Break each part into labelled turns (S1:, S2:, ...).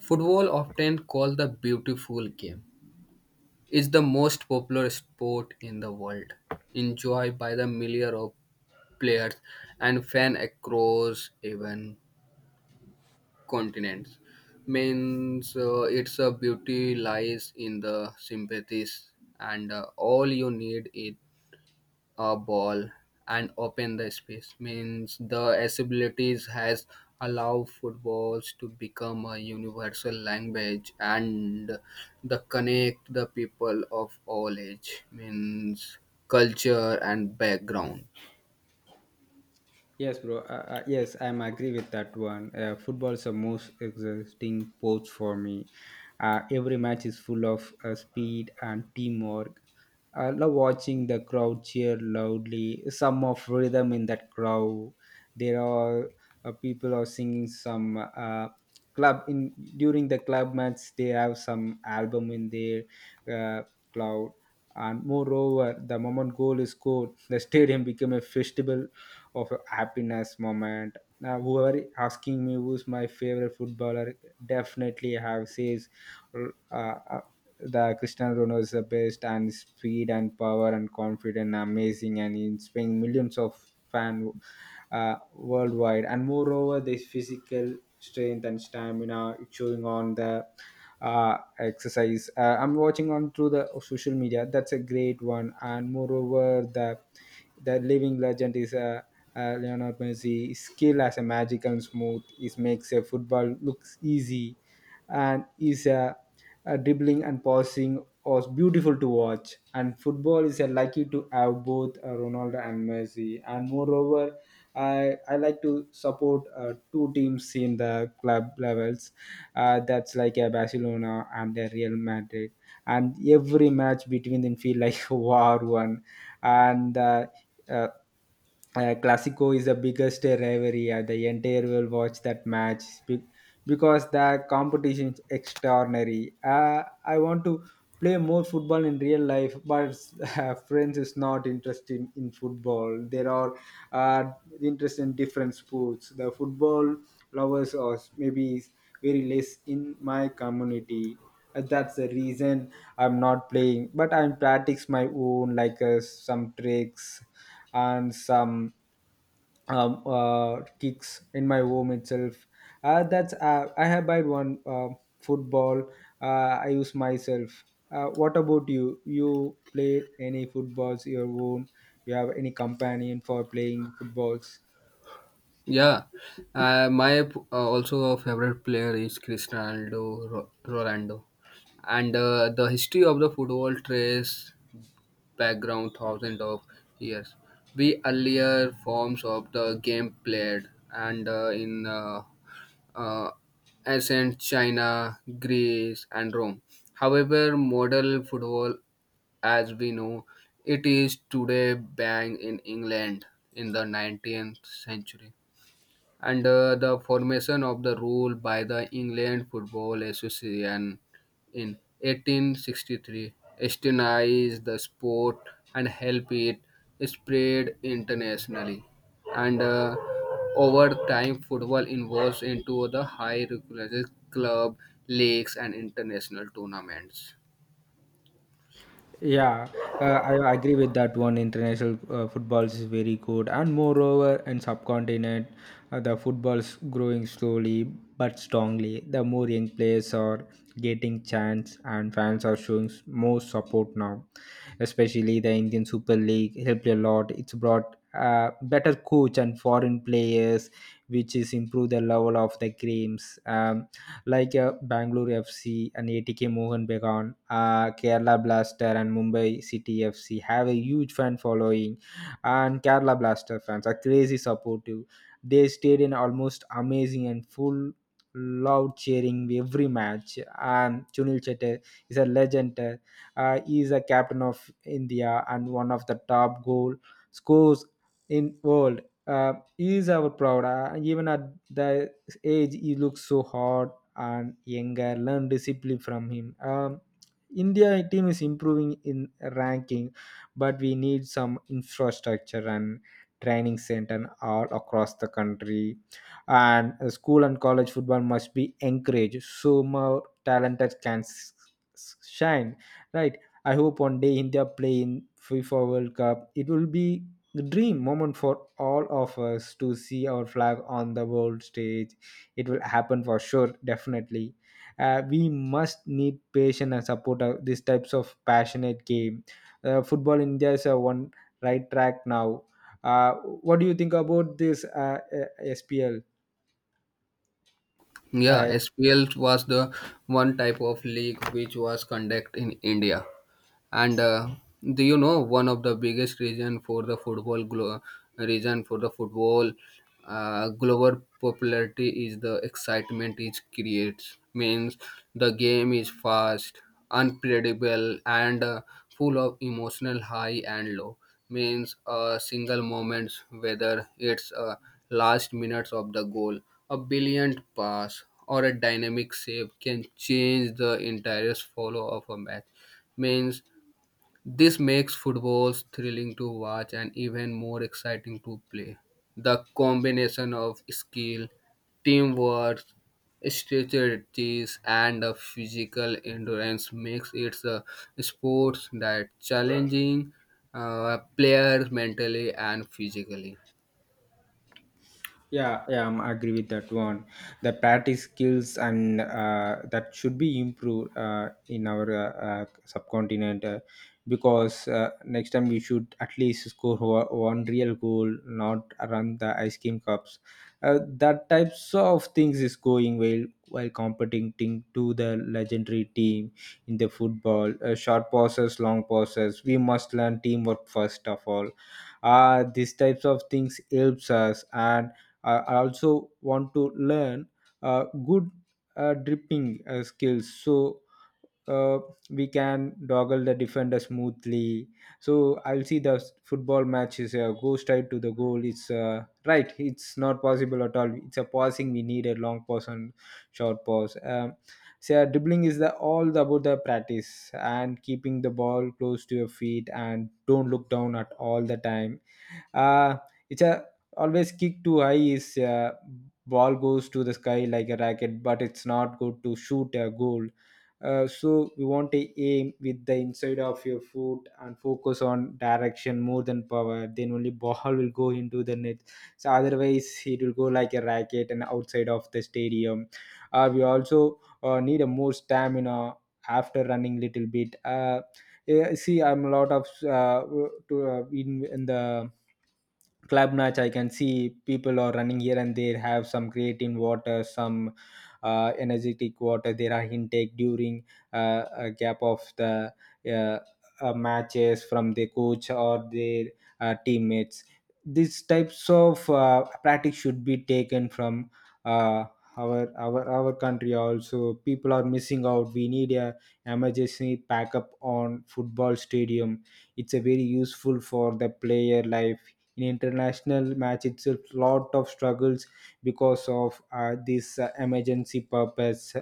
S1: Football, often called the beautiful game, is the most popular sport in the world, enjoyed by the millions of players and fans across even continents. Means its beauty lies in the sympathies, and all you need is a ball and open the space means the accessibilities has allowed footballs to become a universal language and the connect the people of all age means culture and background.
S2: Yes, bro. Yes, I'm agree with that one. Football is the most exhausting sport for me. Every match is full of speed and teamwork. I love watching the crowd cheer loudly. Some of rhythm in that crowd. There are people are singing some club in during the club match. They have some album in their uh, cloud. And moreover, the moment goal is scored, the stadium became a festival of a happiness moment. Now, whoever asking me who's my favorite footballer, definitely have says uh, uh, the Cristiano Ronaldo is the best, and speed and power and confident, amazing, and inspiring millions of fan worldwide. And moreover, this physical strength and stamina it's showing on the exercise. I'm watching on through the social media. That's a great one. And moreover, the living legend is Leonard Messi. His skill as a magic and smooth. He makes a football looks easy, and his dribbling and passing was beautiful to watch. And football is lucky to have both Ronaldo and Messi. And moreover, I like to support two teams in the club levels. That's like a Barcelona and a Real Madrid, and every match between them feel like a war one, and. uh, Classico is the biggest rivalry. The entire world watch that because the competition is extraordinary. I want to play more football in real life, but friends is not interested in football. There are uh, interest in different sports. The football lovers are maybe very less in my community. That's the reason I'm not playing. But I'm practice my own like some tricks and some kicks in my home itself. That's I have bought one football. I use myself. What about you? You play any footballs your own? You have any companion for playing footballs?
S1: Yeah, also a favorite player is Cristiano Ronaldo, and the history of the football trace background thousands of years. The earlier forms of the game played and in uh, ancient China, Greece, and Rome. However, model football, as we know, it is today banned in England in the 19th century, and the formation of the rule by the England Football Association in 1863 established the sport and helped it spread internationally. And over time, football evolved into the high regular club leagues and international tournaments.
S2: Yeah, I agree with that one. International footballs is very good, and moreover, in subcontinent, the football's growing slowly but strongly. The more young players are getting chance, and fans are showing more support now. Especially the Indian Super League helped a lot. It's brought better coach and foreign players, which is improve the level of the games. Like Bangalore FC and ATK Mohan Bagan, Kerala Blaster and Mumbai City FC have a huge fan following, and Kerala Blaster fans are crazy supportive. They stayed in almost amazing and full loud cheering every match. And Sunil Chetty is a legend. He is a captain of India and one of the top goal scores in world. He is our proud. Even at the age, he looks so hard and younger learn discipline from him. India team is improving in ranking, but we need some infrastructure and training center all across the country. And school and college football must be encouraged so more talented can shine. Right. I hope one day India play in FIFA World Cup. It will be the dream moment for all of us to see our flag on the world stage. It will happen for sure, definitely we must need patience and support these types of passionate game football india is one right track now uh, what do you think about this spl?
S1: Yeah, SPL was the one type of league which was conducted in India, and do you know one of the biggest reason for the reason for the football global popularity is the excitement it creates. Means the game is fast, unpredictable, and full of emotional high and low. Means a single moments, whether it's a last minutes of the goal, a brilliant pass, or a dynamic save, can change the entire follow of a match. Means this makes footballs thrilling to watch and even more exciting to play. The combination of skill, teamwork, strategies, and the physical endurance makes it a sport that challenging players mentally and physically.
S2: Yeah, yeah, I'm agree with that one. The practice skills and that should be improved in our subcontinent because next time we should at least score one real goal, not run the ice cream cups. That types of things is going well while competing to the legendary team in the football. Short passes, long passes. We must learn teamwork first of all. These types of things helps us and I also want to learn good dripping skills so uh, we can doggle the defender smoothly. So I'll see the football matches go straight to the goal. It's right. It's not possible at all. It's a passing. We need a long pass and short pass. So yeah, dribbling is the about the practice and keeping the ball close to your feet and don't look down at all the time uh, it's a always kick too high is ball goes to the sky like a racket but it's not good to shoot a goal so we want to aim with the inside of your foot and focus on direction more than power then only ball will go into the net so otherwise it will go like a racket and outside of the stadium we also need a more stamina after running little bit yeah, see I'm a lot of to in the club match I can see people are running here and there have some creatine water some energetic water there are intake during a gap of the uh, matches from the coach or their teammates these types of practice should be taken from uh, our country also people are missing out we need a emergency backup on football stadium. It's a very useful for the player life. In international match, it's a lot of struggles because of this emergency purpose.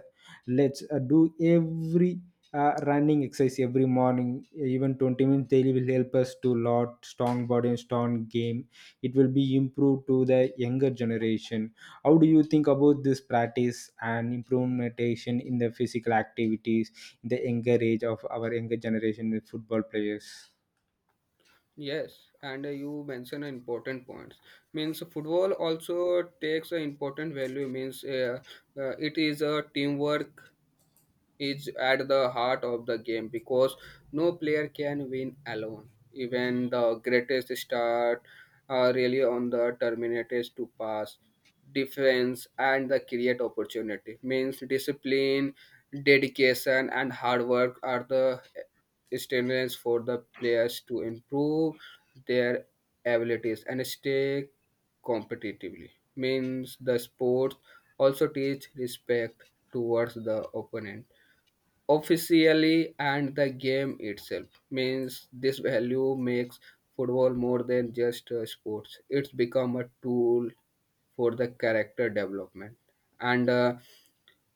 S2: Let's do every running exercise every morning, even 20 minutes daily will help us to lot strong body and strong game. It will be improved to the younger generation. How do you think about this practice and implementation in the physical activities in the younger age of our younger generation with football players?
S1: Yes, and you mentioned important points. Means football also takes an important value. Means it is a teamwork is at the heart of the game because no player can win alone. Even the greatest start are really on the terminators to pass, defense, and the create opportunity. Means discipline, dedication, and hard work are the stimulants for the players to improve their abilities and stay competitively. Means the sport also teach respect towards the opponent officially and the game itself means this value makes football more than just a sports, it's become a tool for the character development, and uh,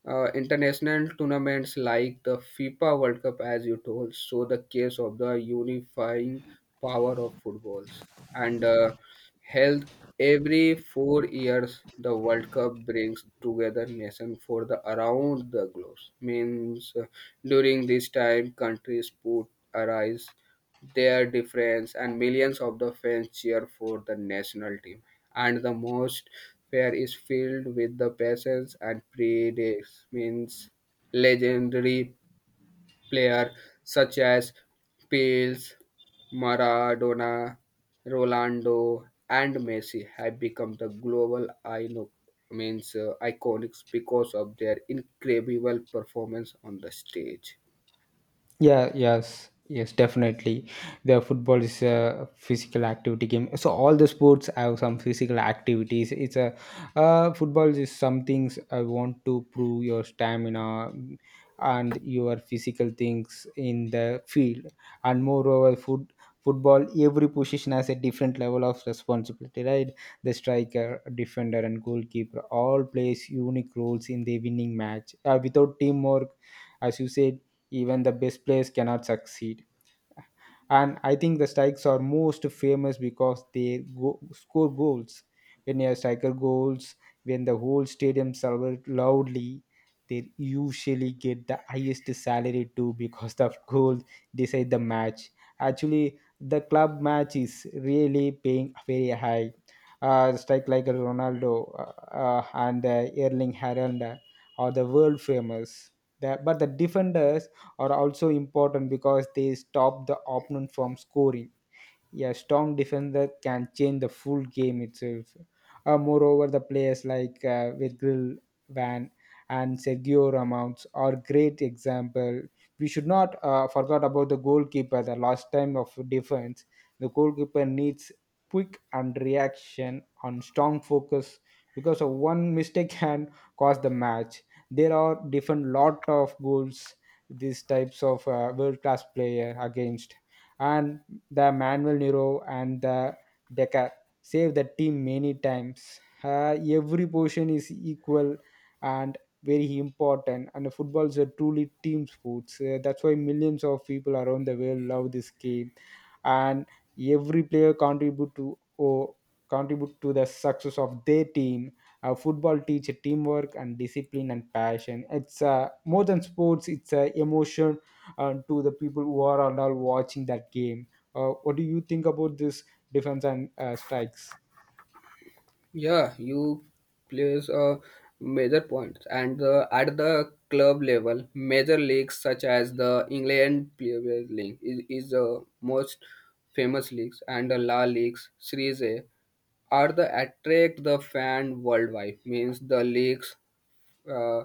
S1: uh, international tournaments like the FIFA World Cup, as you told, show the case of the unifying power of footballs. And held every 4 years, the World Cup brings together nation for the around the globe. Means during this time, countries put arise their difference and millions of the fans cheer for the national team and the most fair is filled with the passions and predates. Means legendary player such as Pils, Maradona, Rolando, and Messi have become the global means iconics because of their incredible performance on the stage.
S2: Yeah, yes, yes, definitely. The football is a physical activity game. So all the sports have some physical activities. It's a Football is some things I want to prove your stamina and your physical things in the field. And moreover, football every position has a different level of responsibility. Right, the striker, defender, and goalkeeper all plays unique roles in the winning match. Without teamwork, as you said even the best players cannot succeed and I think the strikes are most famous because they score goals when a striker goals when the whole stadium celebrates loudly they usually get the highest salary too because the goal decide the match actually the club match is really paying very high strike like Ronaldo and Erling Haaland are the world famous. But the defenders are also important because they stop the opponent from scoring. A strong defender can change the full game itself. Moreover, the players like Virgil Van and Sergio Ramos are great example. We should not forget about the goalkeeper. The last time of defense, the goalkeeper needs quick and reaction on strong focus because of one mistake can cause the match. There are different lot of goals these types of world class player against and the Manuel Neuer and the Becker save the team many times. Every position is equal and very important and football is a truly team sports. That's why millions of people around the world love this game and every player contribute to the success of their team football teach teamwork and discipline and passion. It's more than sports. It's emotion to the people who are and all watching that game. What do you think about this defense and strikes?
S1: Yeah, you plays a major point, and at the club level, major leagues such as the England Premier League is the most famous leagues, and the La Leagues Series A are the attract the fan worldwide. Means the leagues, uh,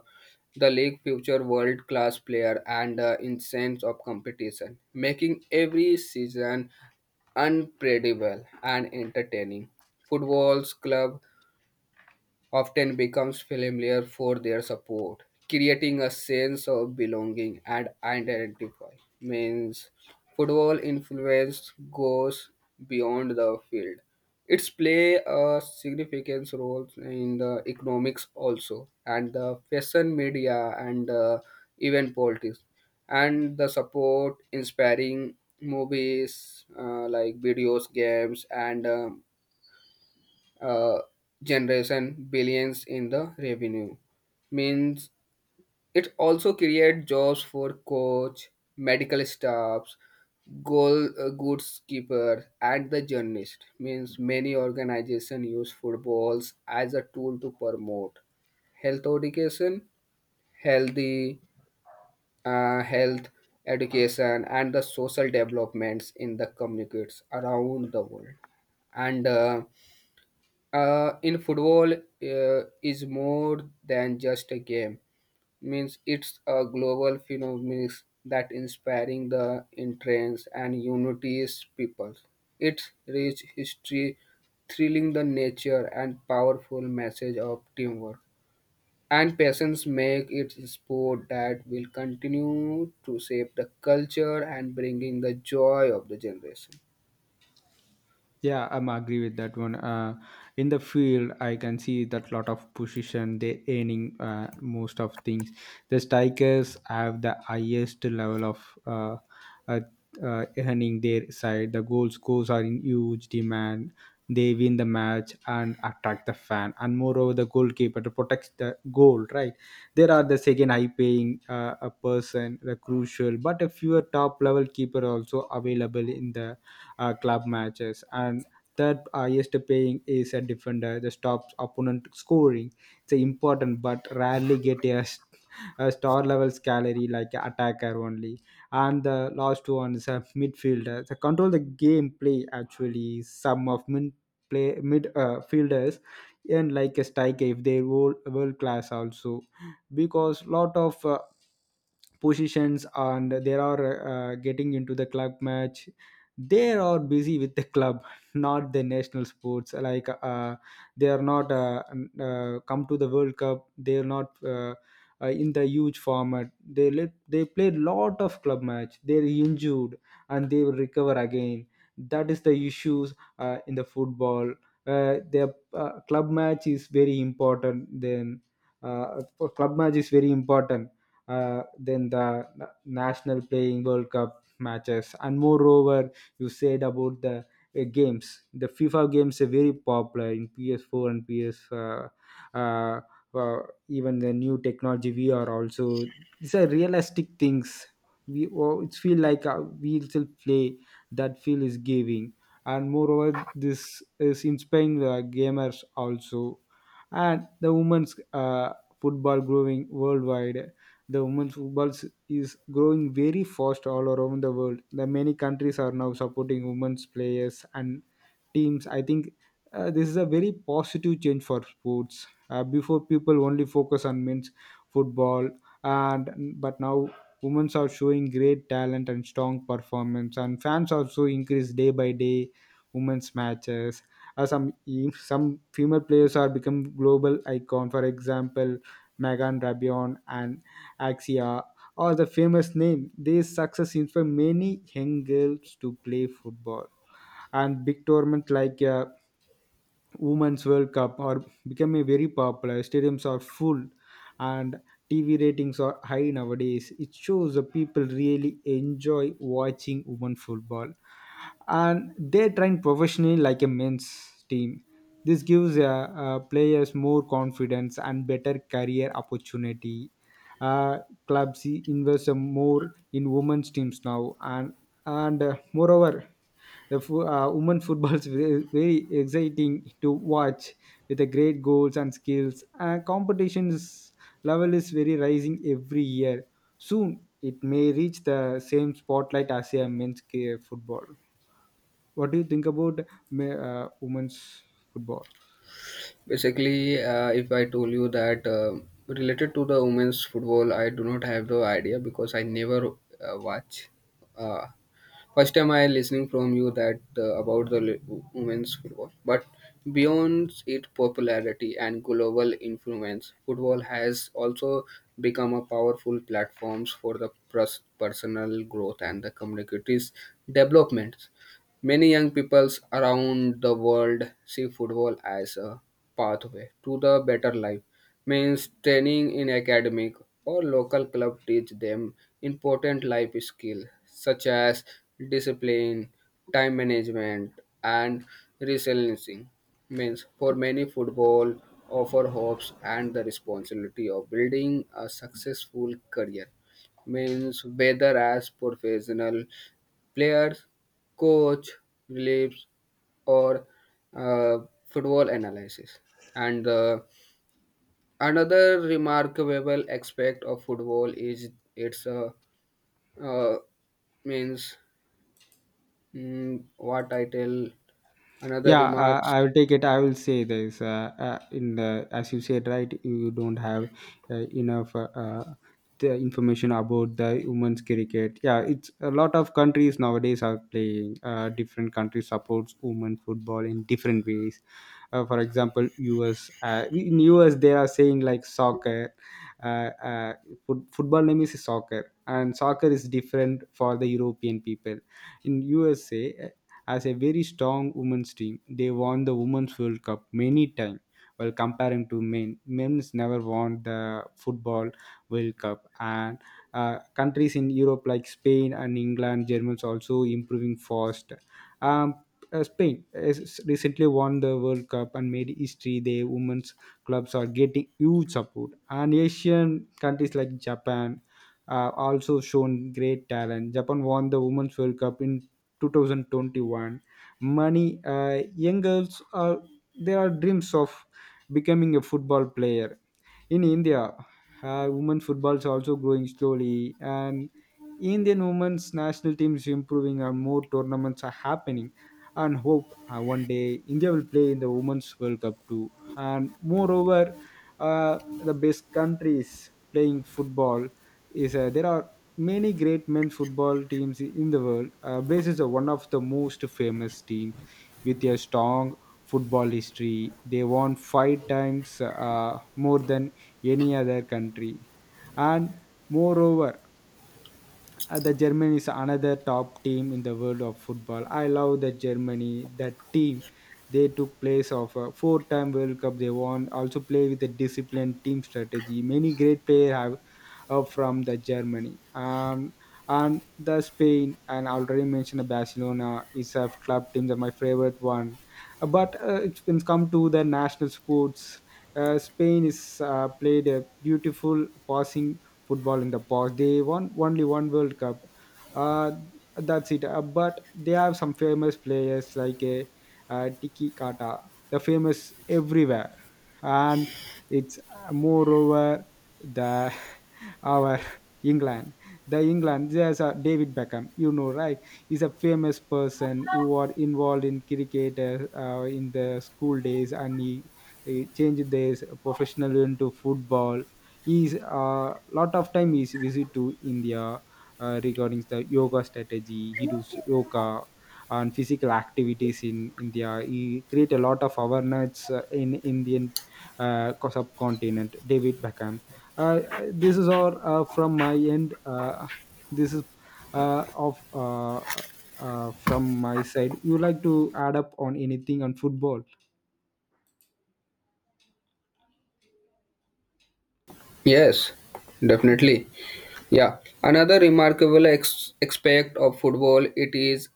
S1: the league future world class player and in of competition, making every season unpredictable and entertaining. Football's club often becomes familiar for their support, creating a sense of belonging and identify. Means football influence goes beyond the field. It's play a significant role in the economics also, and the fashion media and even politics, and the support inspiring movies like videos, games, and uh, generation billions in the revenue. Means it also create jobs for coach, medical staffs, goal goods keeper, and the journalist. Means many organization use footballs as a tool to promote health education, healthy health education, and the social developments in the communities around the world. And uh, uh, in football is more than just a game. Means it's a global phenomenon that inspiring the interest and unites people. Its rich history, thrilling the nature, and powerful message of teamwork and patience make it a sport that will continue to shape the culture and bringing the joy of the generation.
S2: Yeah, I'm agree with that one. In the field, I can see that lot of position they earning most of things. The strikers have the highest level of uh, earning their side. The goal scores are in huge demand. They win the match and attract the fan. And moreover, the goalkeeper to protect the goal. Right, there are the second high paying a person, the crucial, but a fewer top level keeper also available in the club matches and third highest paying is a defender the stops opponent scoring. It's important but rarely get a star level salary like attacker only. And the last one is a midfielder the control the game play. Actually, some of mid play mid fielders and like a striker if they world class also. Because lot of positions and they are getting into the club match, they are busy with the club not the national sports like they are not come to the world cup. They are not in the huge format. They played lot of club match, they're injured and they will recover again. That is the issues in the football. Their club match is very important then for club match is very important than the national playing world cup matches. And moreover, you said about the games. The FIFA games are very popular in PS4 and ps uh, uh, even the new technology VR also. These are realistic things. We oh, it's feel like we still play. That feel is giving. And moreover, this is inspiring the gamers also. And the women's football growing worldwide. The women's football is growing very fast all around the world. The many countries are now supporting women's players and teams. I think this is a very positive change for sports. Before, people only focus on men's football, and but now women are showing great talent and strong performance, and fans also increase day by day. Women's matches. Some female players are become global icon. For example, Megan Rabion and Axia or the famous name. This success inspired many young girls to play football, and big tournaments like Women's World Cup are becoming very popular. Stadiums are full, and TV ratings are high nowadays. It shows the people really enjoy watching women football and they train professionally like a men's team. This gives players more confidence and better career opportunity. Uh, Clubs invest more in women's teams now, and moreover, the women football is very, very exciting to watch with the great goals and skills. Competitions level is very rising every year. Soon, it may reach the same spotlight as a men's football. What do you think about women's football?
S1: Basically, if I told you that related to the women's football, I do not have the idea because I never watch. Uh, First time I listening from you that about the women's football, but beyond its popularity and global influence, football has also become a powerful platforms for the personal growth and the communities development. Many young peoples around the world see football as a pathway to the better life. Means training in academic or local club teach them important life skills such as discipline, time management, and resilience. Means for many, football offer hopes and the responsibility of building a successful career, means whether as professional players, coach, reliefs, or uh, football analysis. And another remarkable aspect of football is its uh, means what I tell. Another
S2: Yeah,
S1: remarks.
S2: I will take it. I will say this in the, as you said, right? You don't have enough the information about the women's cricket. Yeah, it's a lot of countries nowadays are playing. Different countries supports women football in different ways. For example, US. In US, they are saying like soccer. Uh, uh, Football name is soccer, and soccer is different for the European people in USA as a very strong women's team. They won the Women's World Cup many times. While comparing to men, men's never won the football World Cup, and countries in Europe like Spain and England, Germans also improving fast. Um, Spain has recently won the World Cup and made history. Their women's clubs are getting huge support, and Asian countries like Japan also shown great talent. Japan won the Women's World Cup in 2021. Many young girls are there are dreams of becoming a football player in India. Women football is also growing slowly, and Indian women's national team is improving, and more tournaments are happening. And hope one day India will play in the Women's World Cup too. And moreover, the best countries playing football is there are many great men's football teams in the world. Brazil is one of the most famous teams with a strong football history. They won five times more than any other country. And moreover, the Germany is another top team in the world of football. I love the Germany, that team. They took place of a four-time World Cup. They won. Also play with a disciplined team strategy. Many great players have from the Germany. And the Spain, and I already mentioned Barcelona is a club team that my favorite one. But it can come to the national sports. Spain is played a beautiful passing football in the past. They won only one World Cup. Uh, that's it. But they have some famous players like a Tiki Kata, the famous everywhere, and it's moreover the our England. The England, there's a David Beckham, you know, right? He's a famous person who are involved in cricket in the school days, and he changed his professional into football. Is a lot of time is visit to India regarding the yoga strategy. He does yoga and physical activities in India. He create a lot of awareness in Indian subcontinent David Beckham. uh, this is all from my end. This is of from my side. You like to add up on anything on football?
S1: Yes,
S2: Yeah.
S1: definitely. Yeah, another remarkable aspect of football it is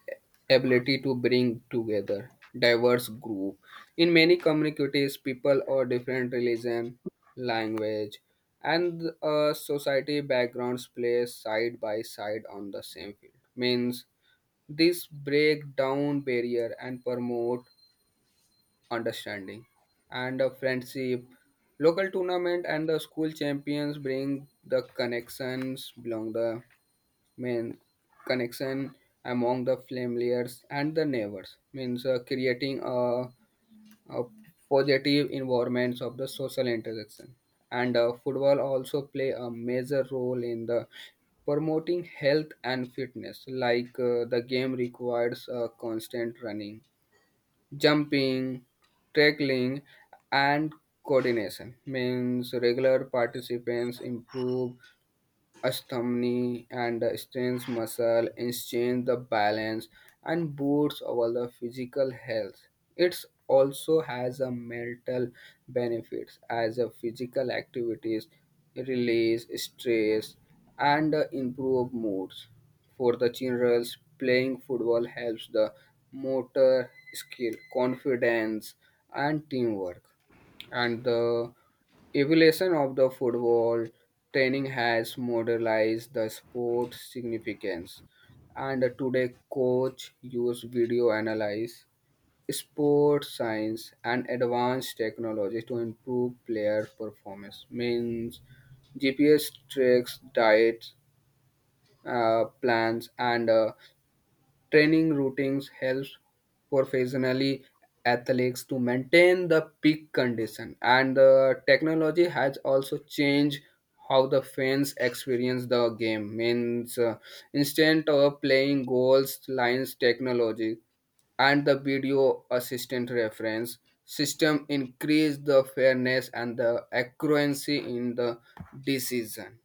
S1: ability to bring together diverse group. In many communities, people of different religion, language, and society backgrounds play side by side on the same field. Means this break down barrier and promote understanding and a friendship. Local tournament and the school champions bring the connections belong the mean connection among the familiars and the neighbors, means creating a positive environments of the social interaction. And football also play a major role in the promoting health and fitness, like the game requires constant running, jumping, tackling, and coordination. Means regular participants improve stamina and the strength muscle exchange the balance and boosts our the physical health. It also has a mental benefits as a physical activities release stress and improve moods. For the children, playing football helps the motor skill, confidence, and teamwork. And the evolution of the football training has modernized the sport's significance, and today coach use video analyze, sports science, and advanced technology to improve player performance. Means GPS tracks, diet plans, and training routines helps professionally athletes to maintain the peak condition, and the technology has also changed how the fans experience the game. Means instead of playing goals, lines, technology, and the video assistant reference system increase the fairness and the accuracy in the decision.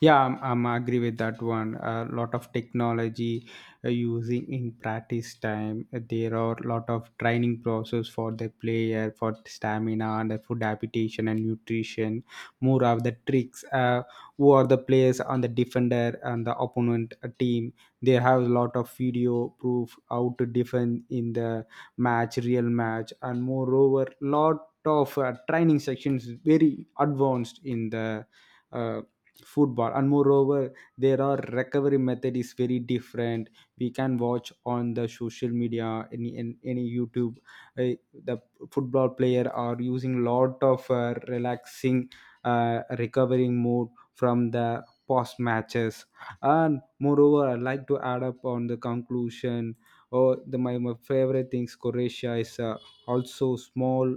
S2: Yeah, I'm agree with that one. A lot of technology using in practice time. There are a lot of training process for the player for stamina and the food adaptation and nutrition. More of the tricks. Who are the players on the defender and the opponent team? They have a lot of video proof how to defend in the match, real match, and moreover, lot of training sections very advanced in the. uh, Football. And moreover, there are recovery method is very different. We can watch on the social media any YouTube uh, the football player are using lot of relaxing recovering mode from the post matches. And moreover, I like to add up on the conclusion. Oh, the my favorite things. Croatia is also small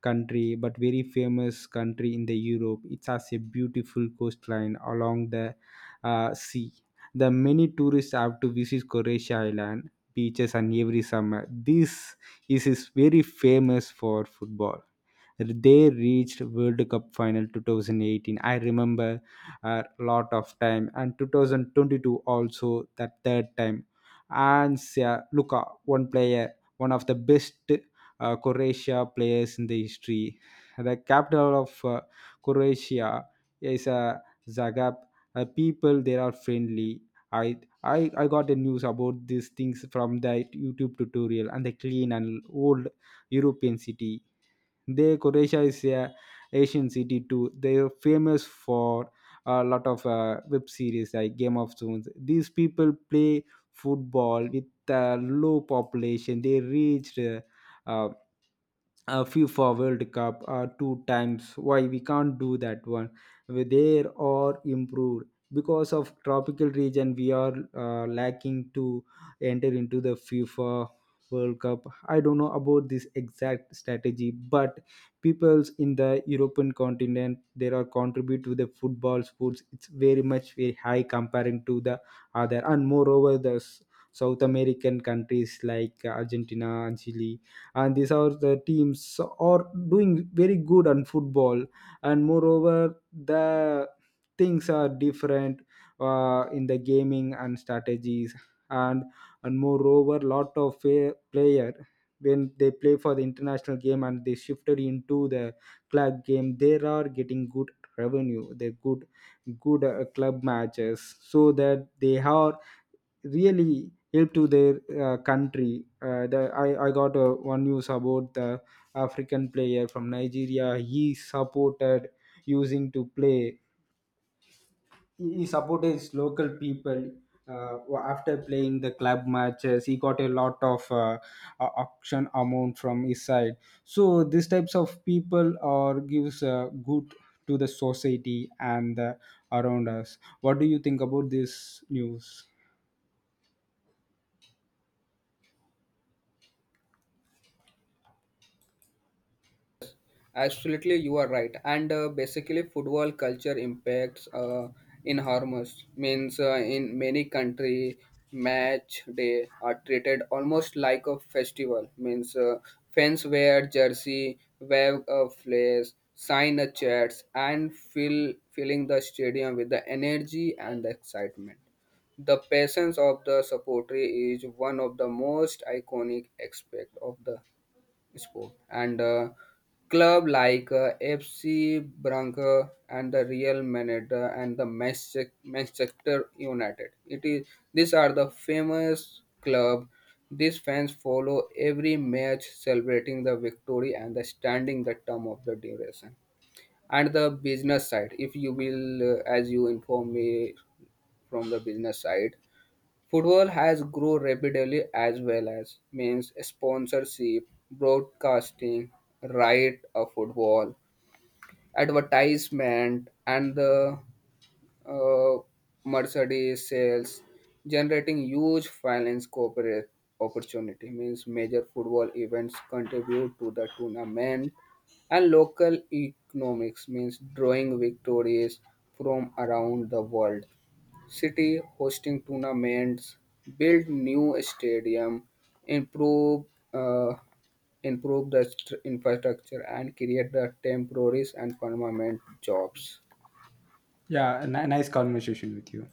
S2: country but very famous country in the Europe. It has a beautiful coastline along the sea. The many tourists have to visit Croatia island beaches and every summer. This is very famous for football. They reached World Cup final 2018, I remember a lot of time, and 2022 also, that third time. And yeah, Luka, one player, one of the best Croatia players in the history. The capital of Croatia is Zagreb. People there are friendly. I got the news about these things from the YouTube tutorial and the clean and old European city. They Croatia is a Asian city too. They are famous for a lot of web series like Game of Thrones. These people play football with a low population. They reached uh, a FIFA World Cup two times. Why we can't do that one? There are improved because of tropical region. We are lacking to enter into the FIFA World Cup. I don't know about this exact strategy, but peoples in the European continent there are contribute to the football sports. It's very much very high comparing to the other, and moreover South American countries like Argentina and Chile, and these are the teams are doing very good on football. And moreover, the things are different in the gaming and strategies. And and moreover, lot of player when they play for the international game and they shifted into the club game, they are getting good revenue. They're good club matches, so that they are really help to their country. I got one news about the African player from Nigeria. He supported using to play. He supported his local people uh, after playing the club matches. He got a lot of auction amount from his side. So these types of people are gives good to the society, and around us. What do you think about this news?
S1: Absolutely, you are right. And basically, football culture impacts enormous. Means in many country, match day are treated almost like a festival. Means fans wear jersey, wave a flag, sign a chats, and filling the stadium with the energy and the excitement. The presence of the supporter is one of the most iconic aspect of the sport. And club like FC Branca and the Real Madrid and the Manchester United. It is these are the famous club. These fans follow every match, celebrating the victory and the standing the term of the duration. And the business side, if you will, as you inform me from the business side, football has grown rapidly as well as means sponsorship, broadcasting, right of football, advertisement, and the uh, merchandise sales, generating huge finance corporate opportunity. Means major football events contribute to the tournament and local economics, means drawing victories from around the world. City hosting tournaments, build new stadium, improve uh, improve the infrastructure, and create the temporary and permanent jobs.
S2: Yeah, a nice conversation with you.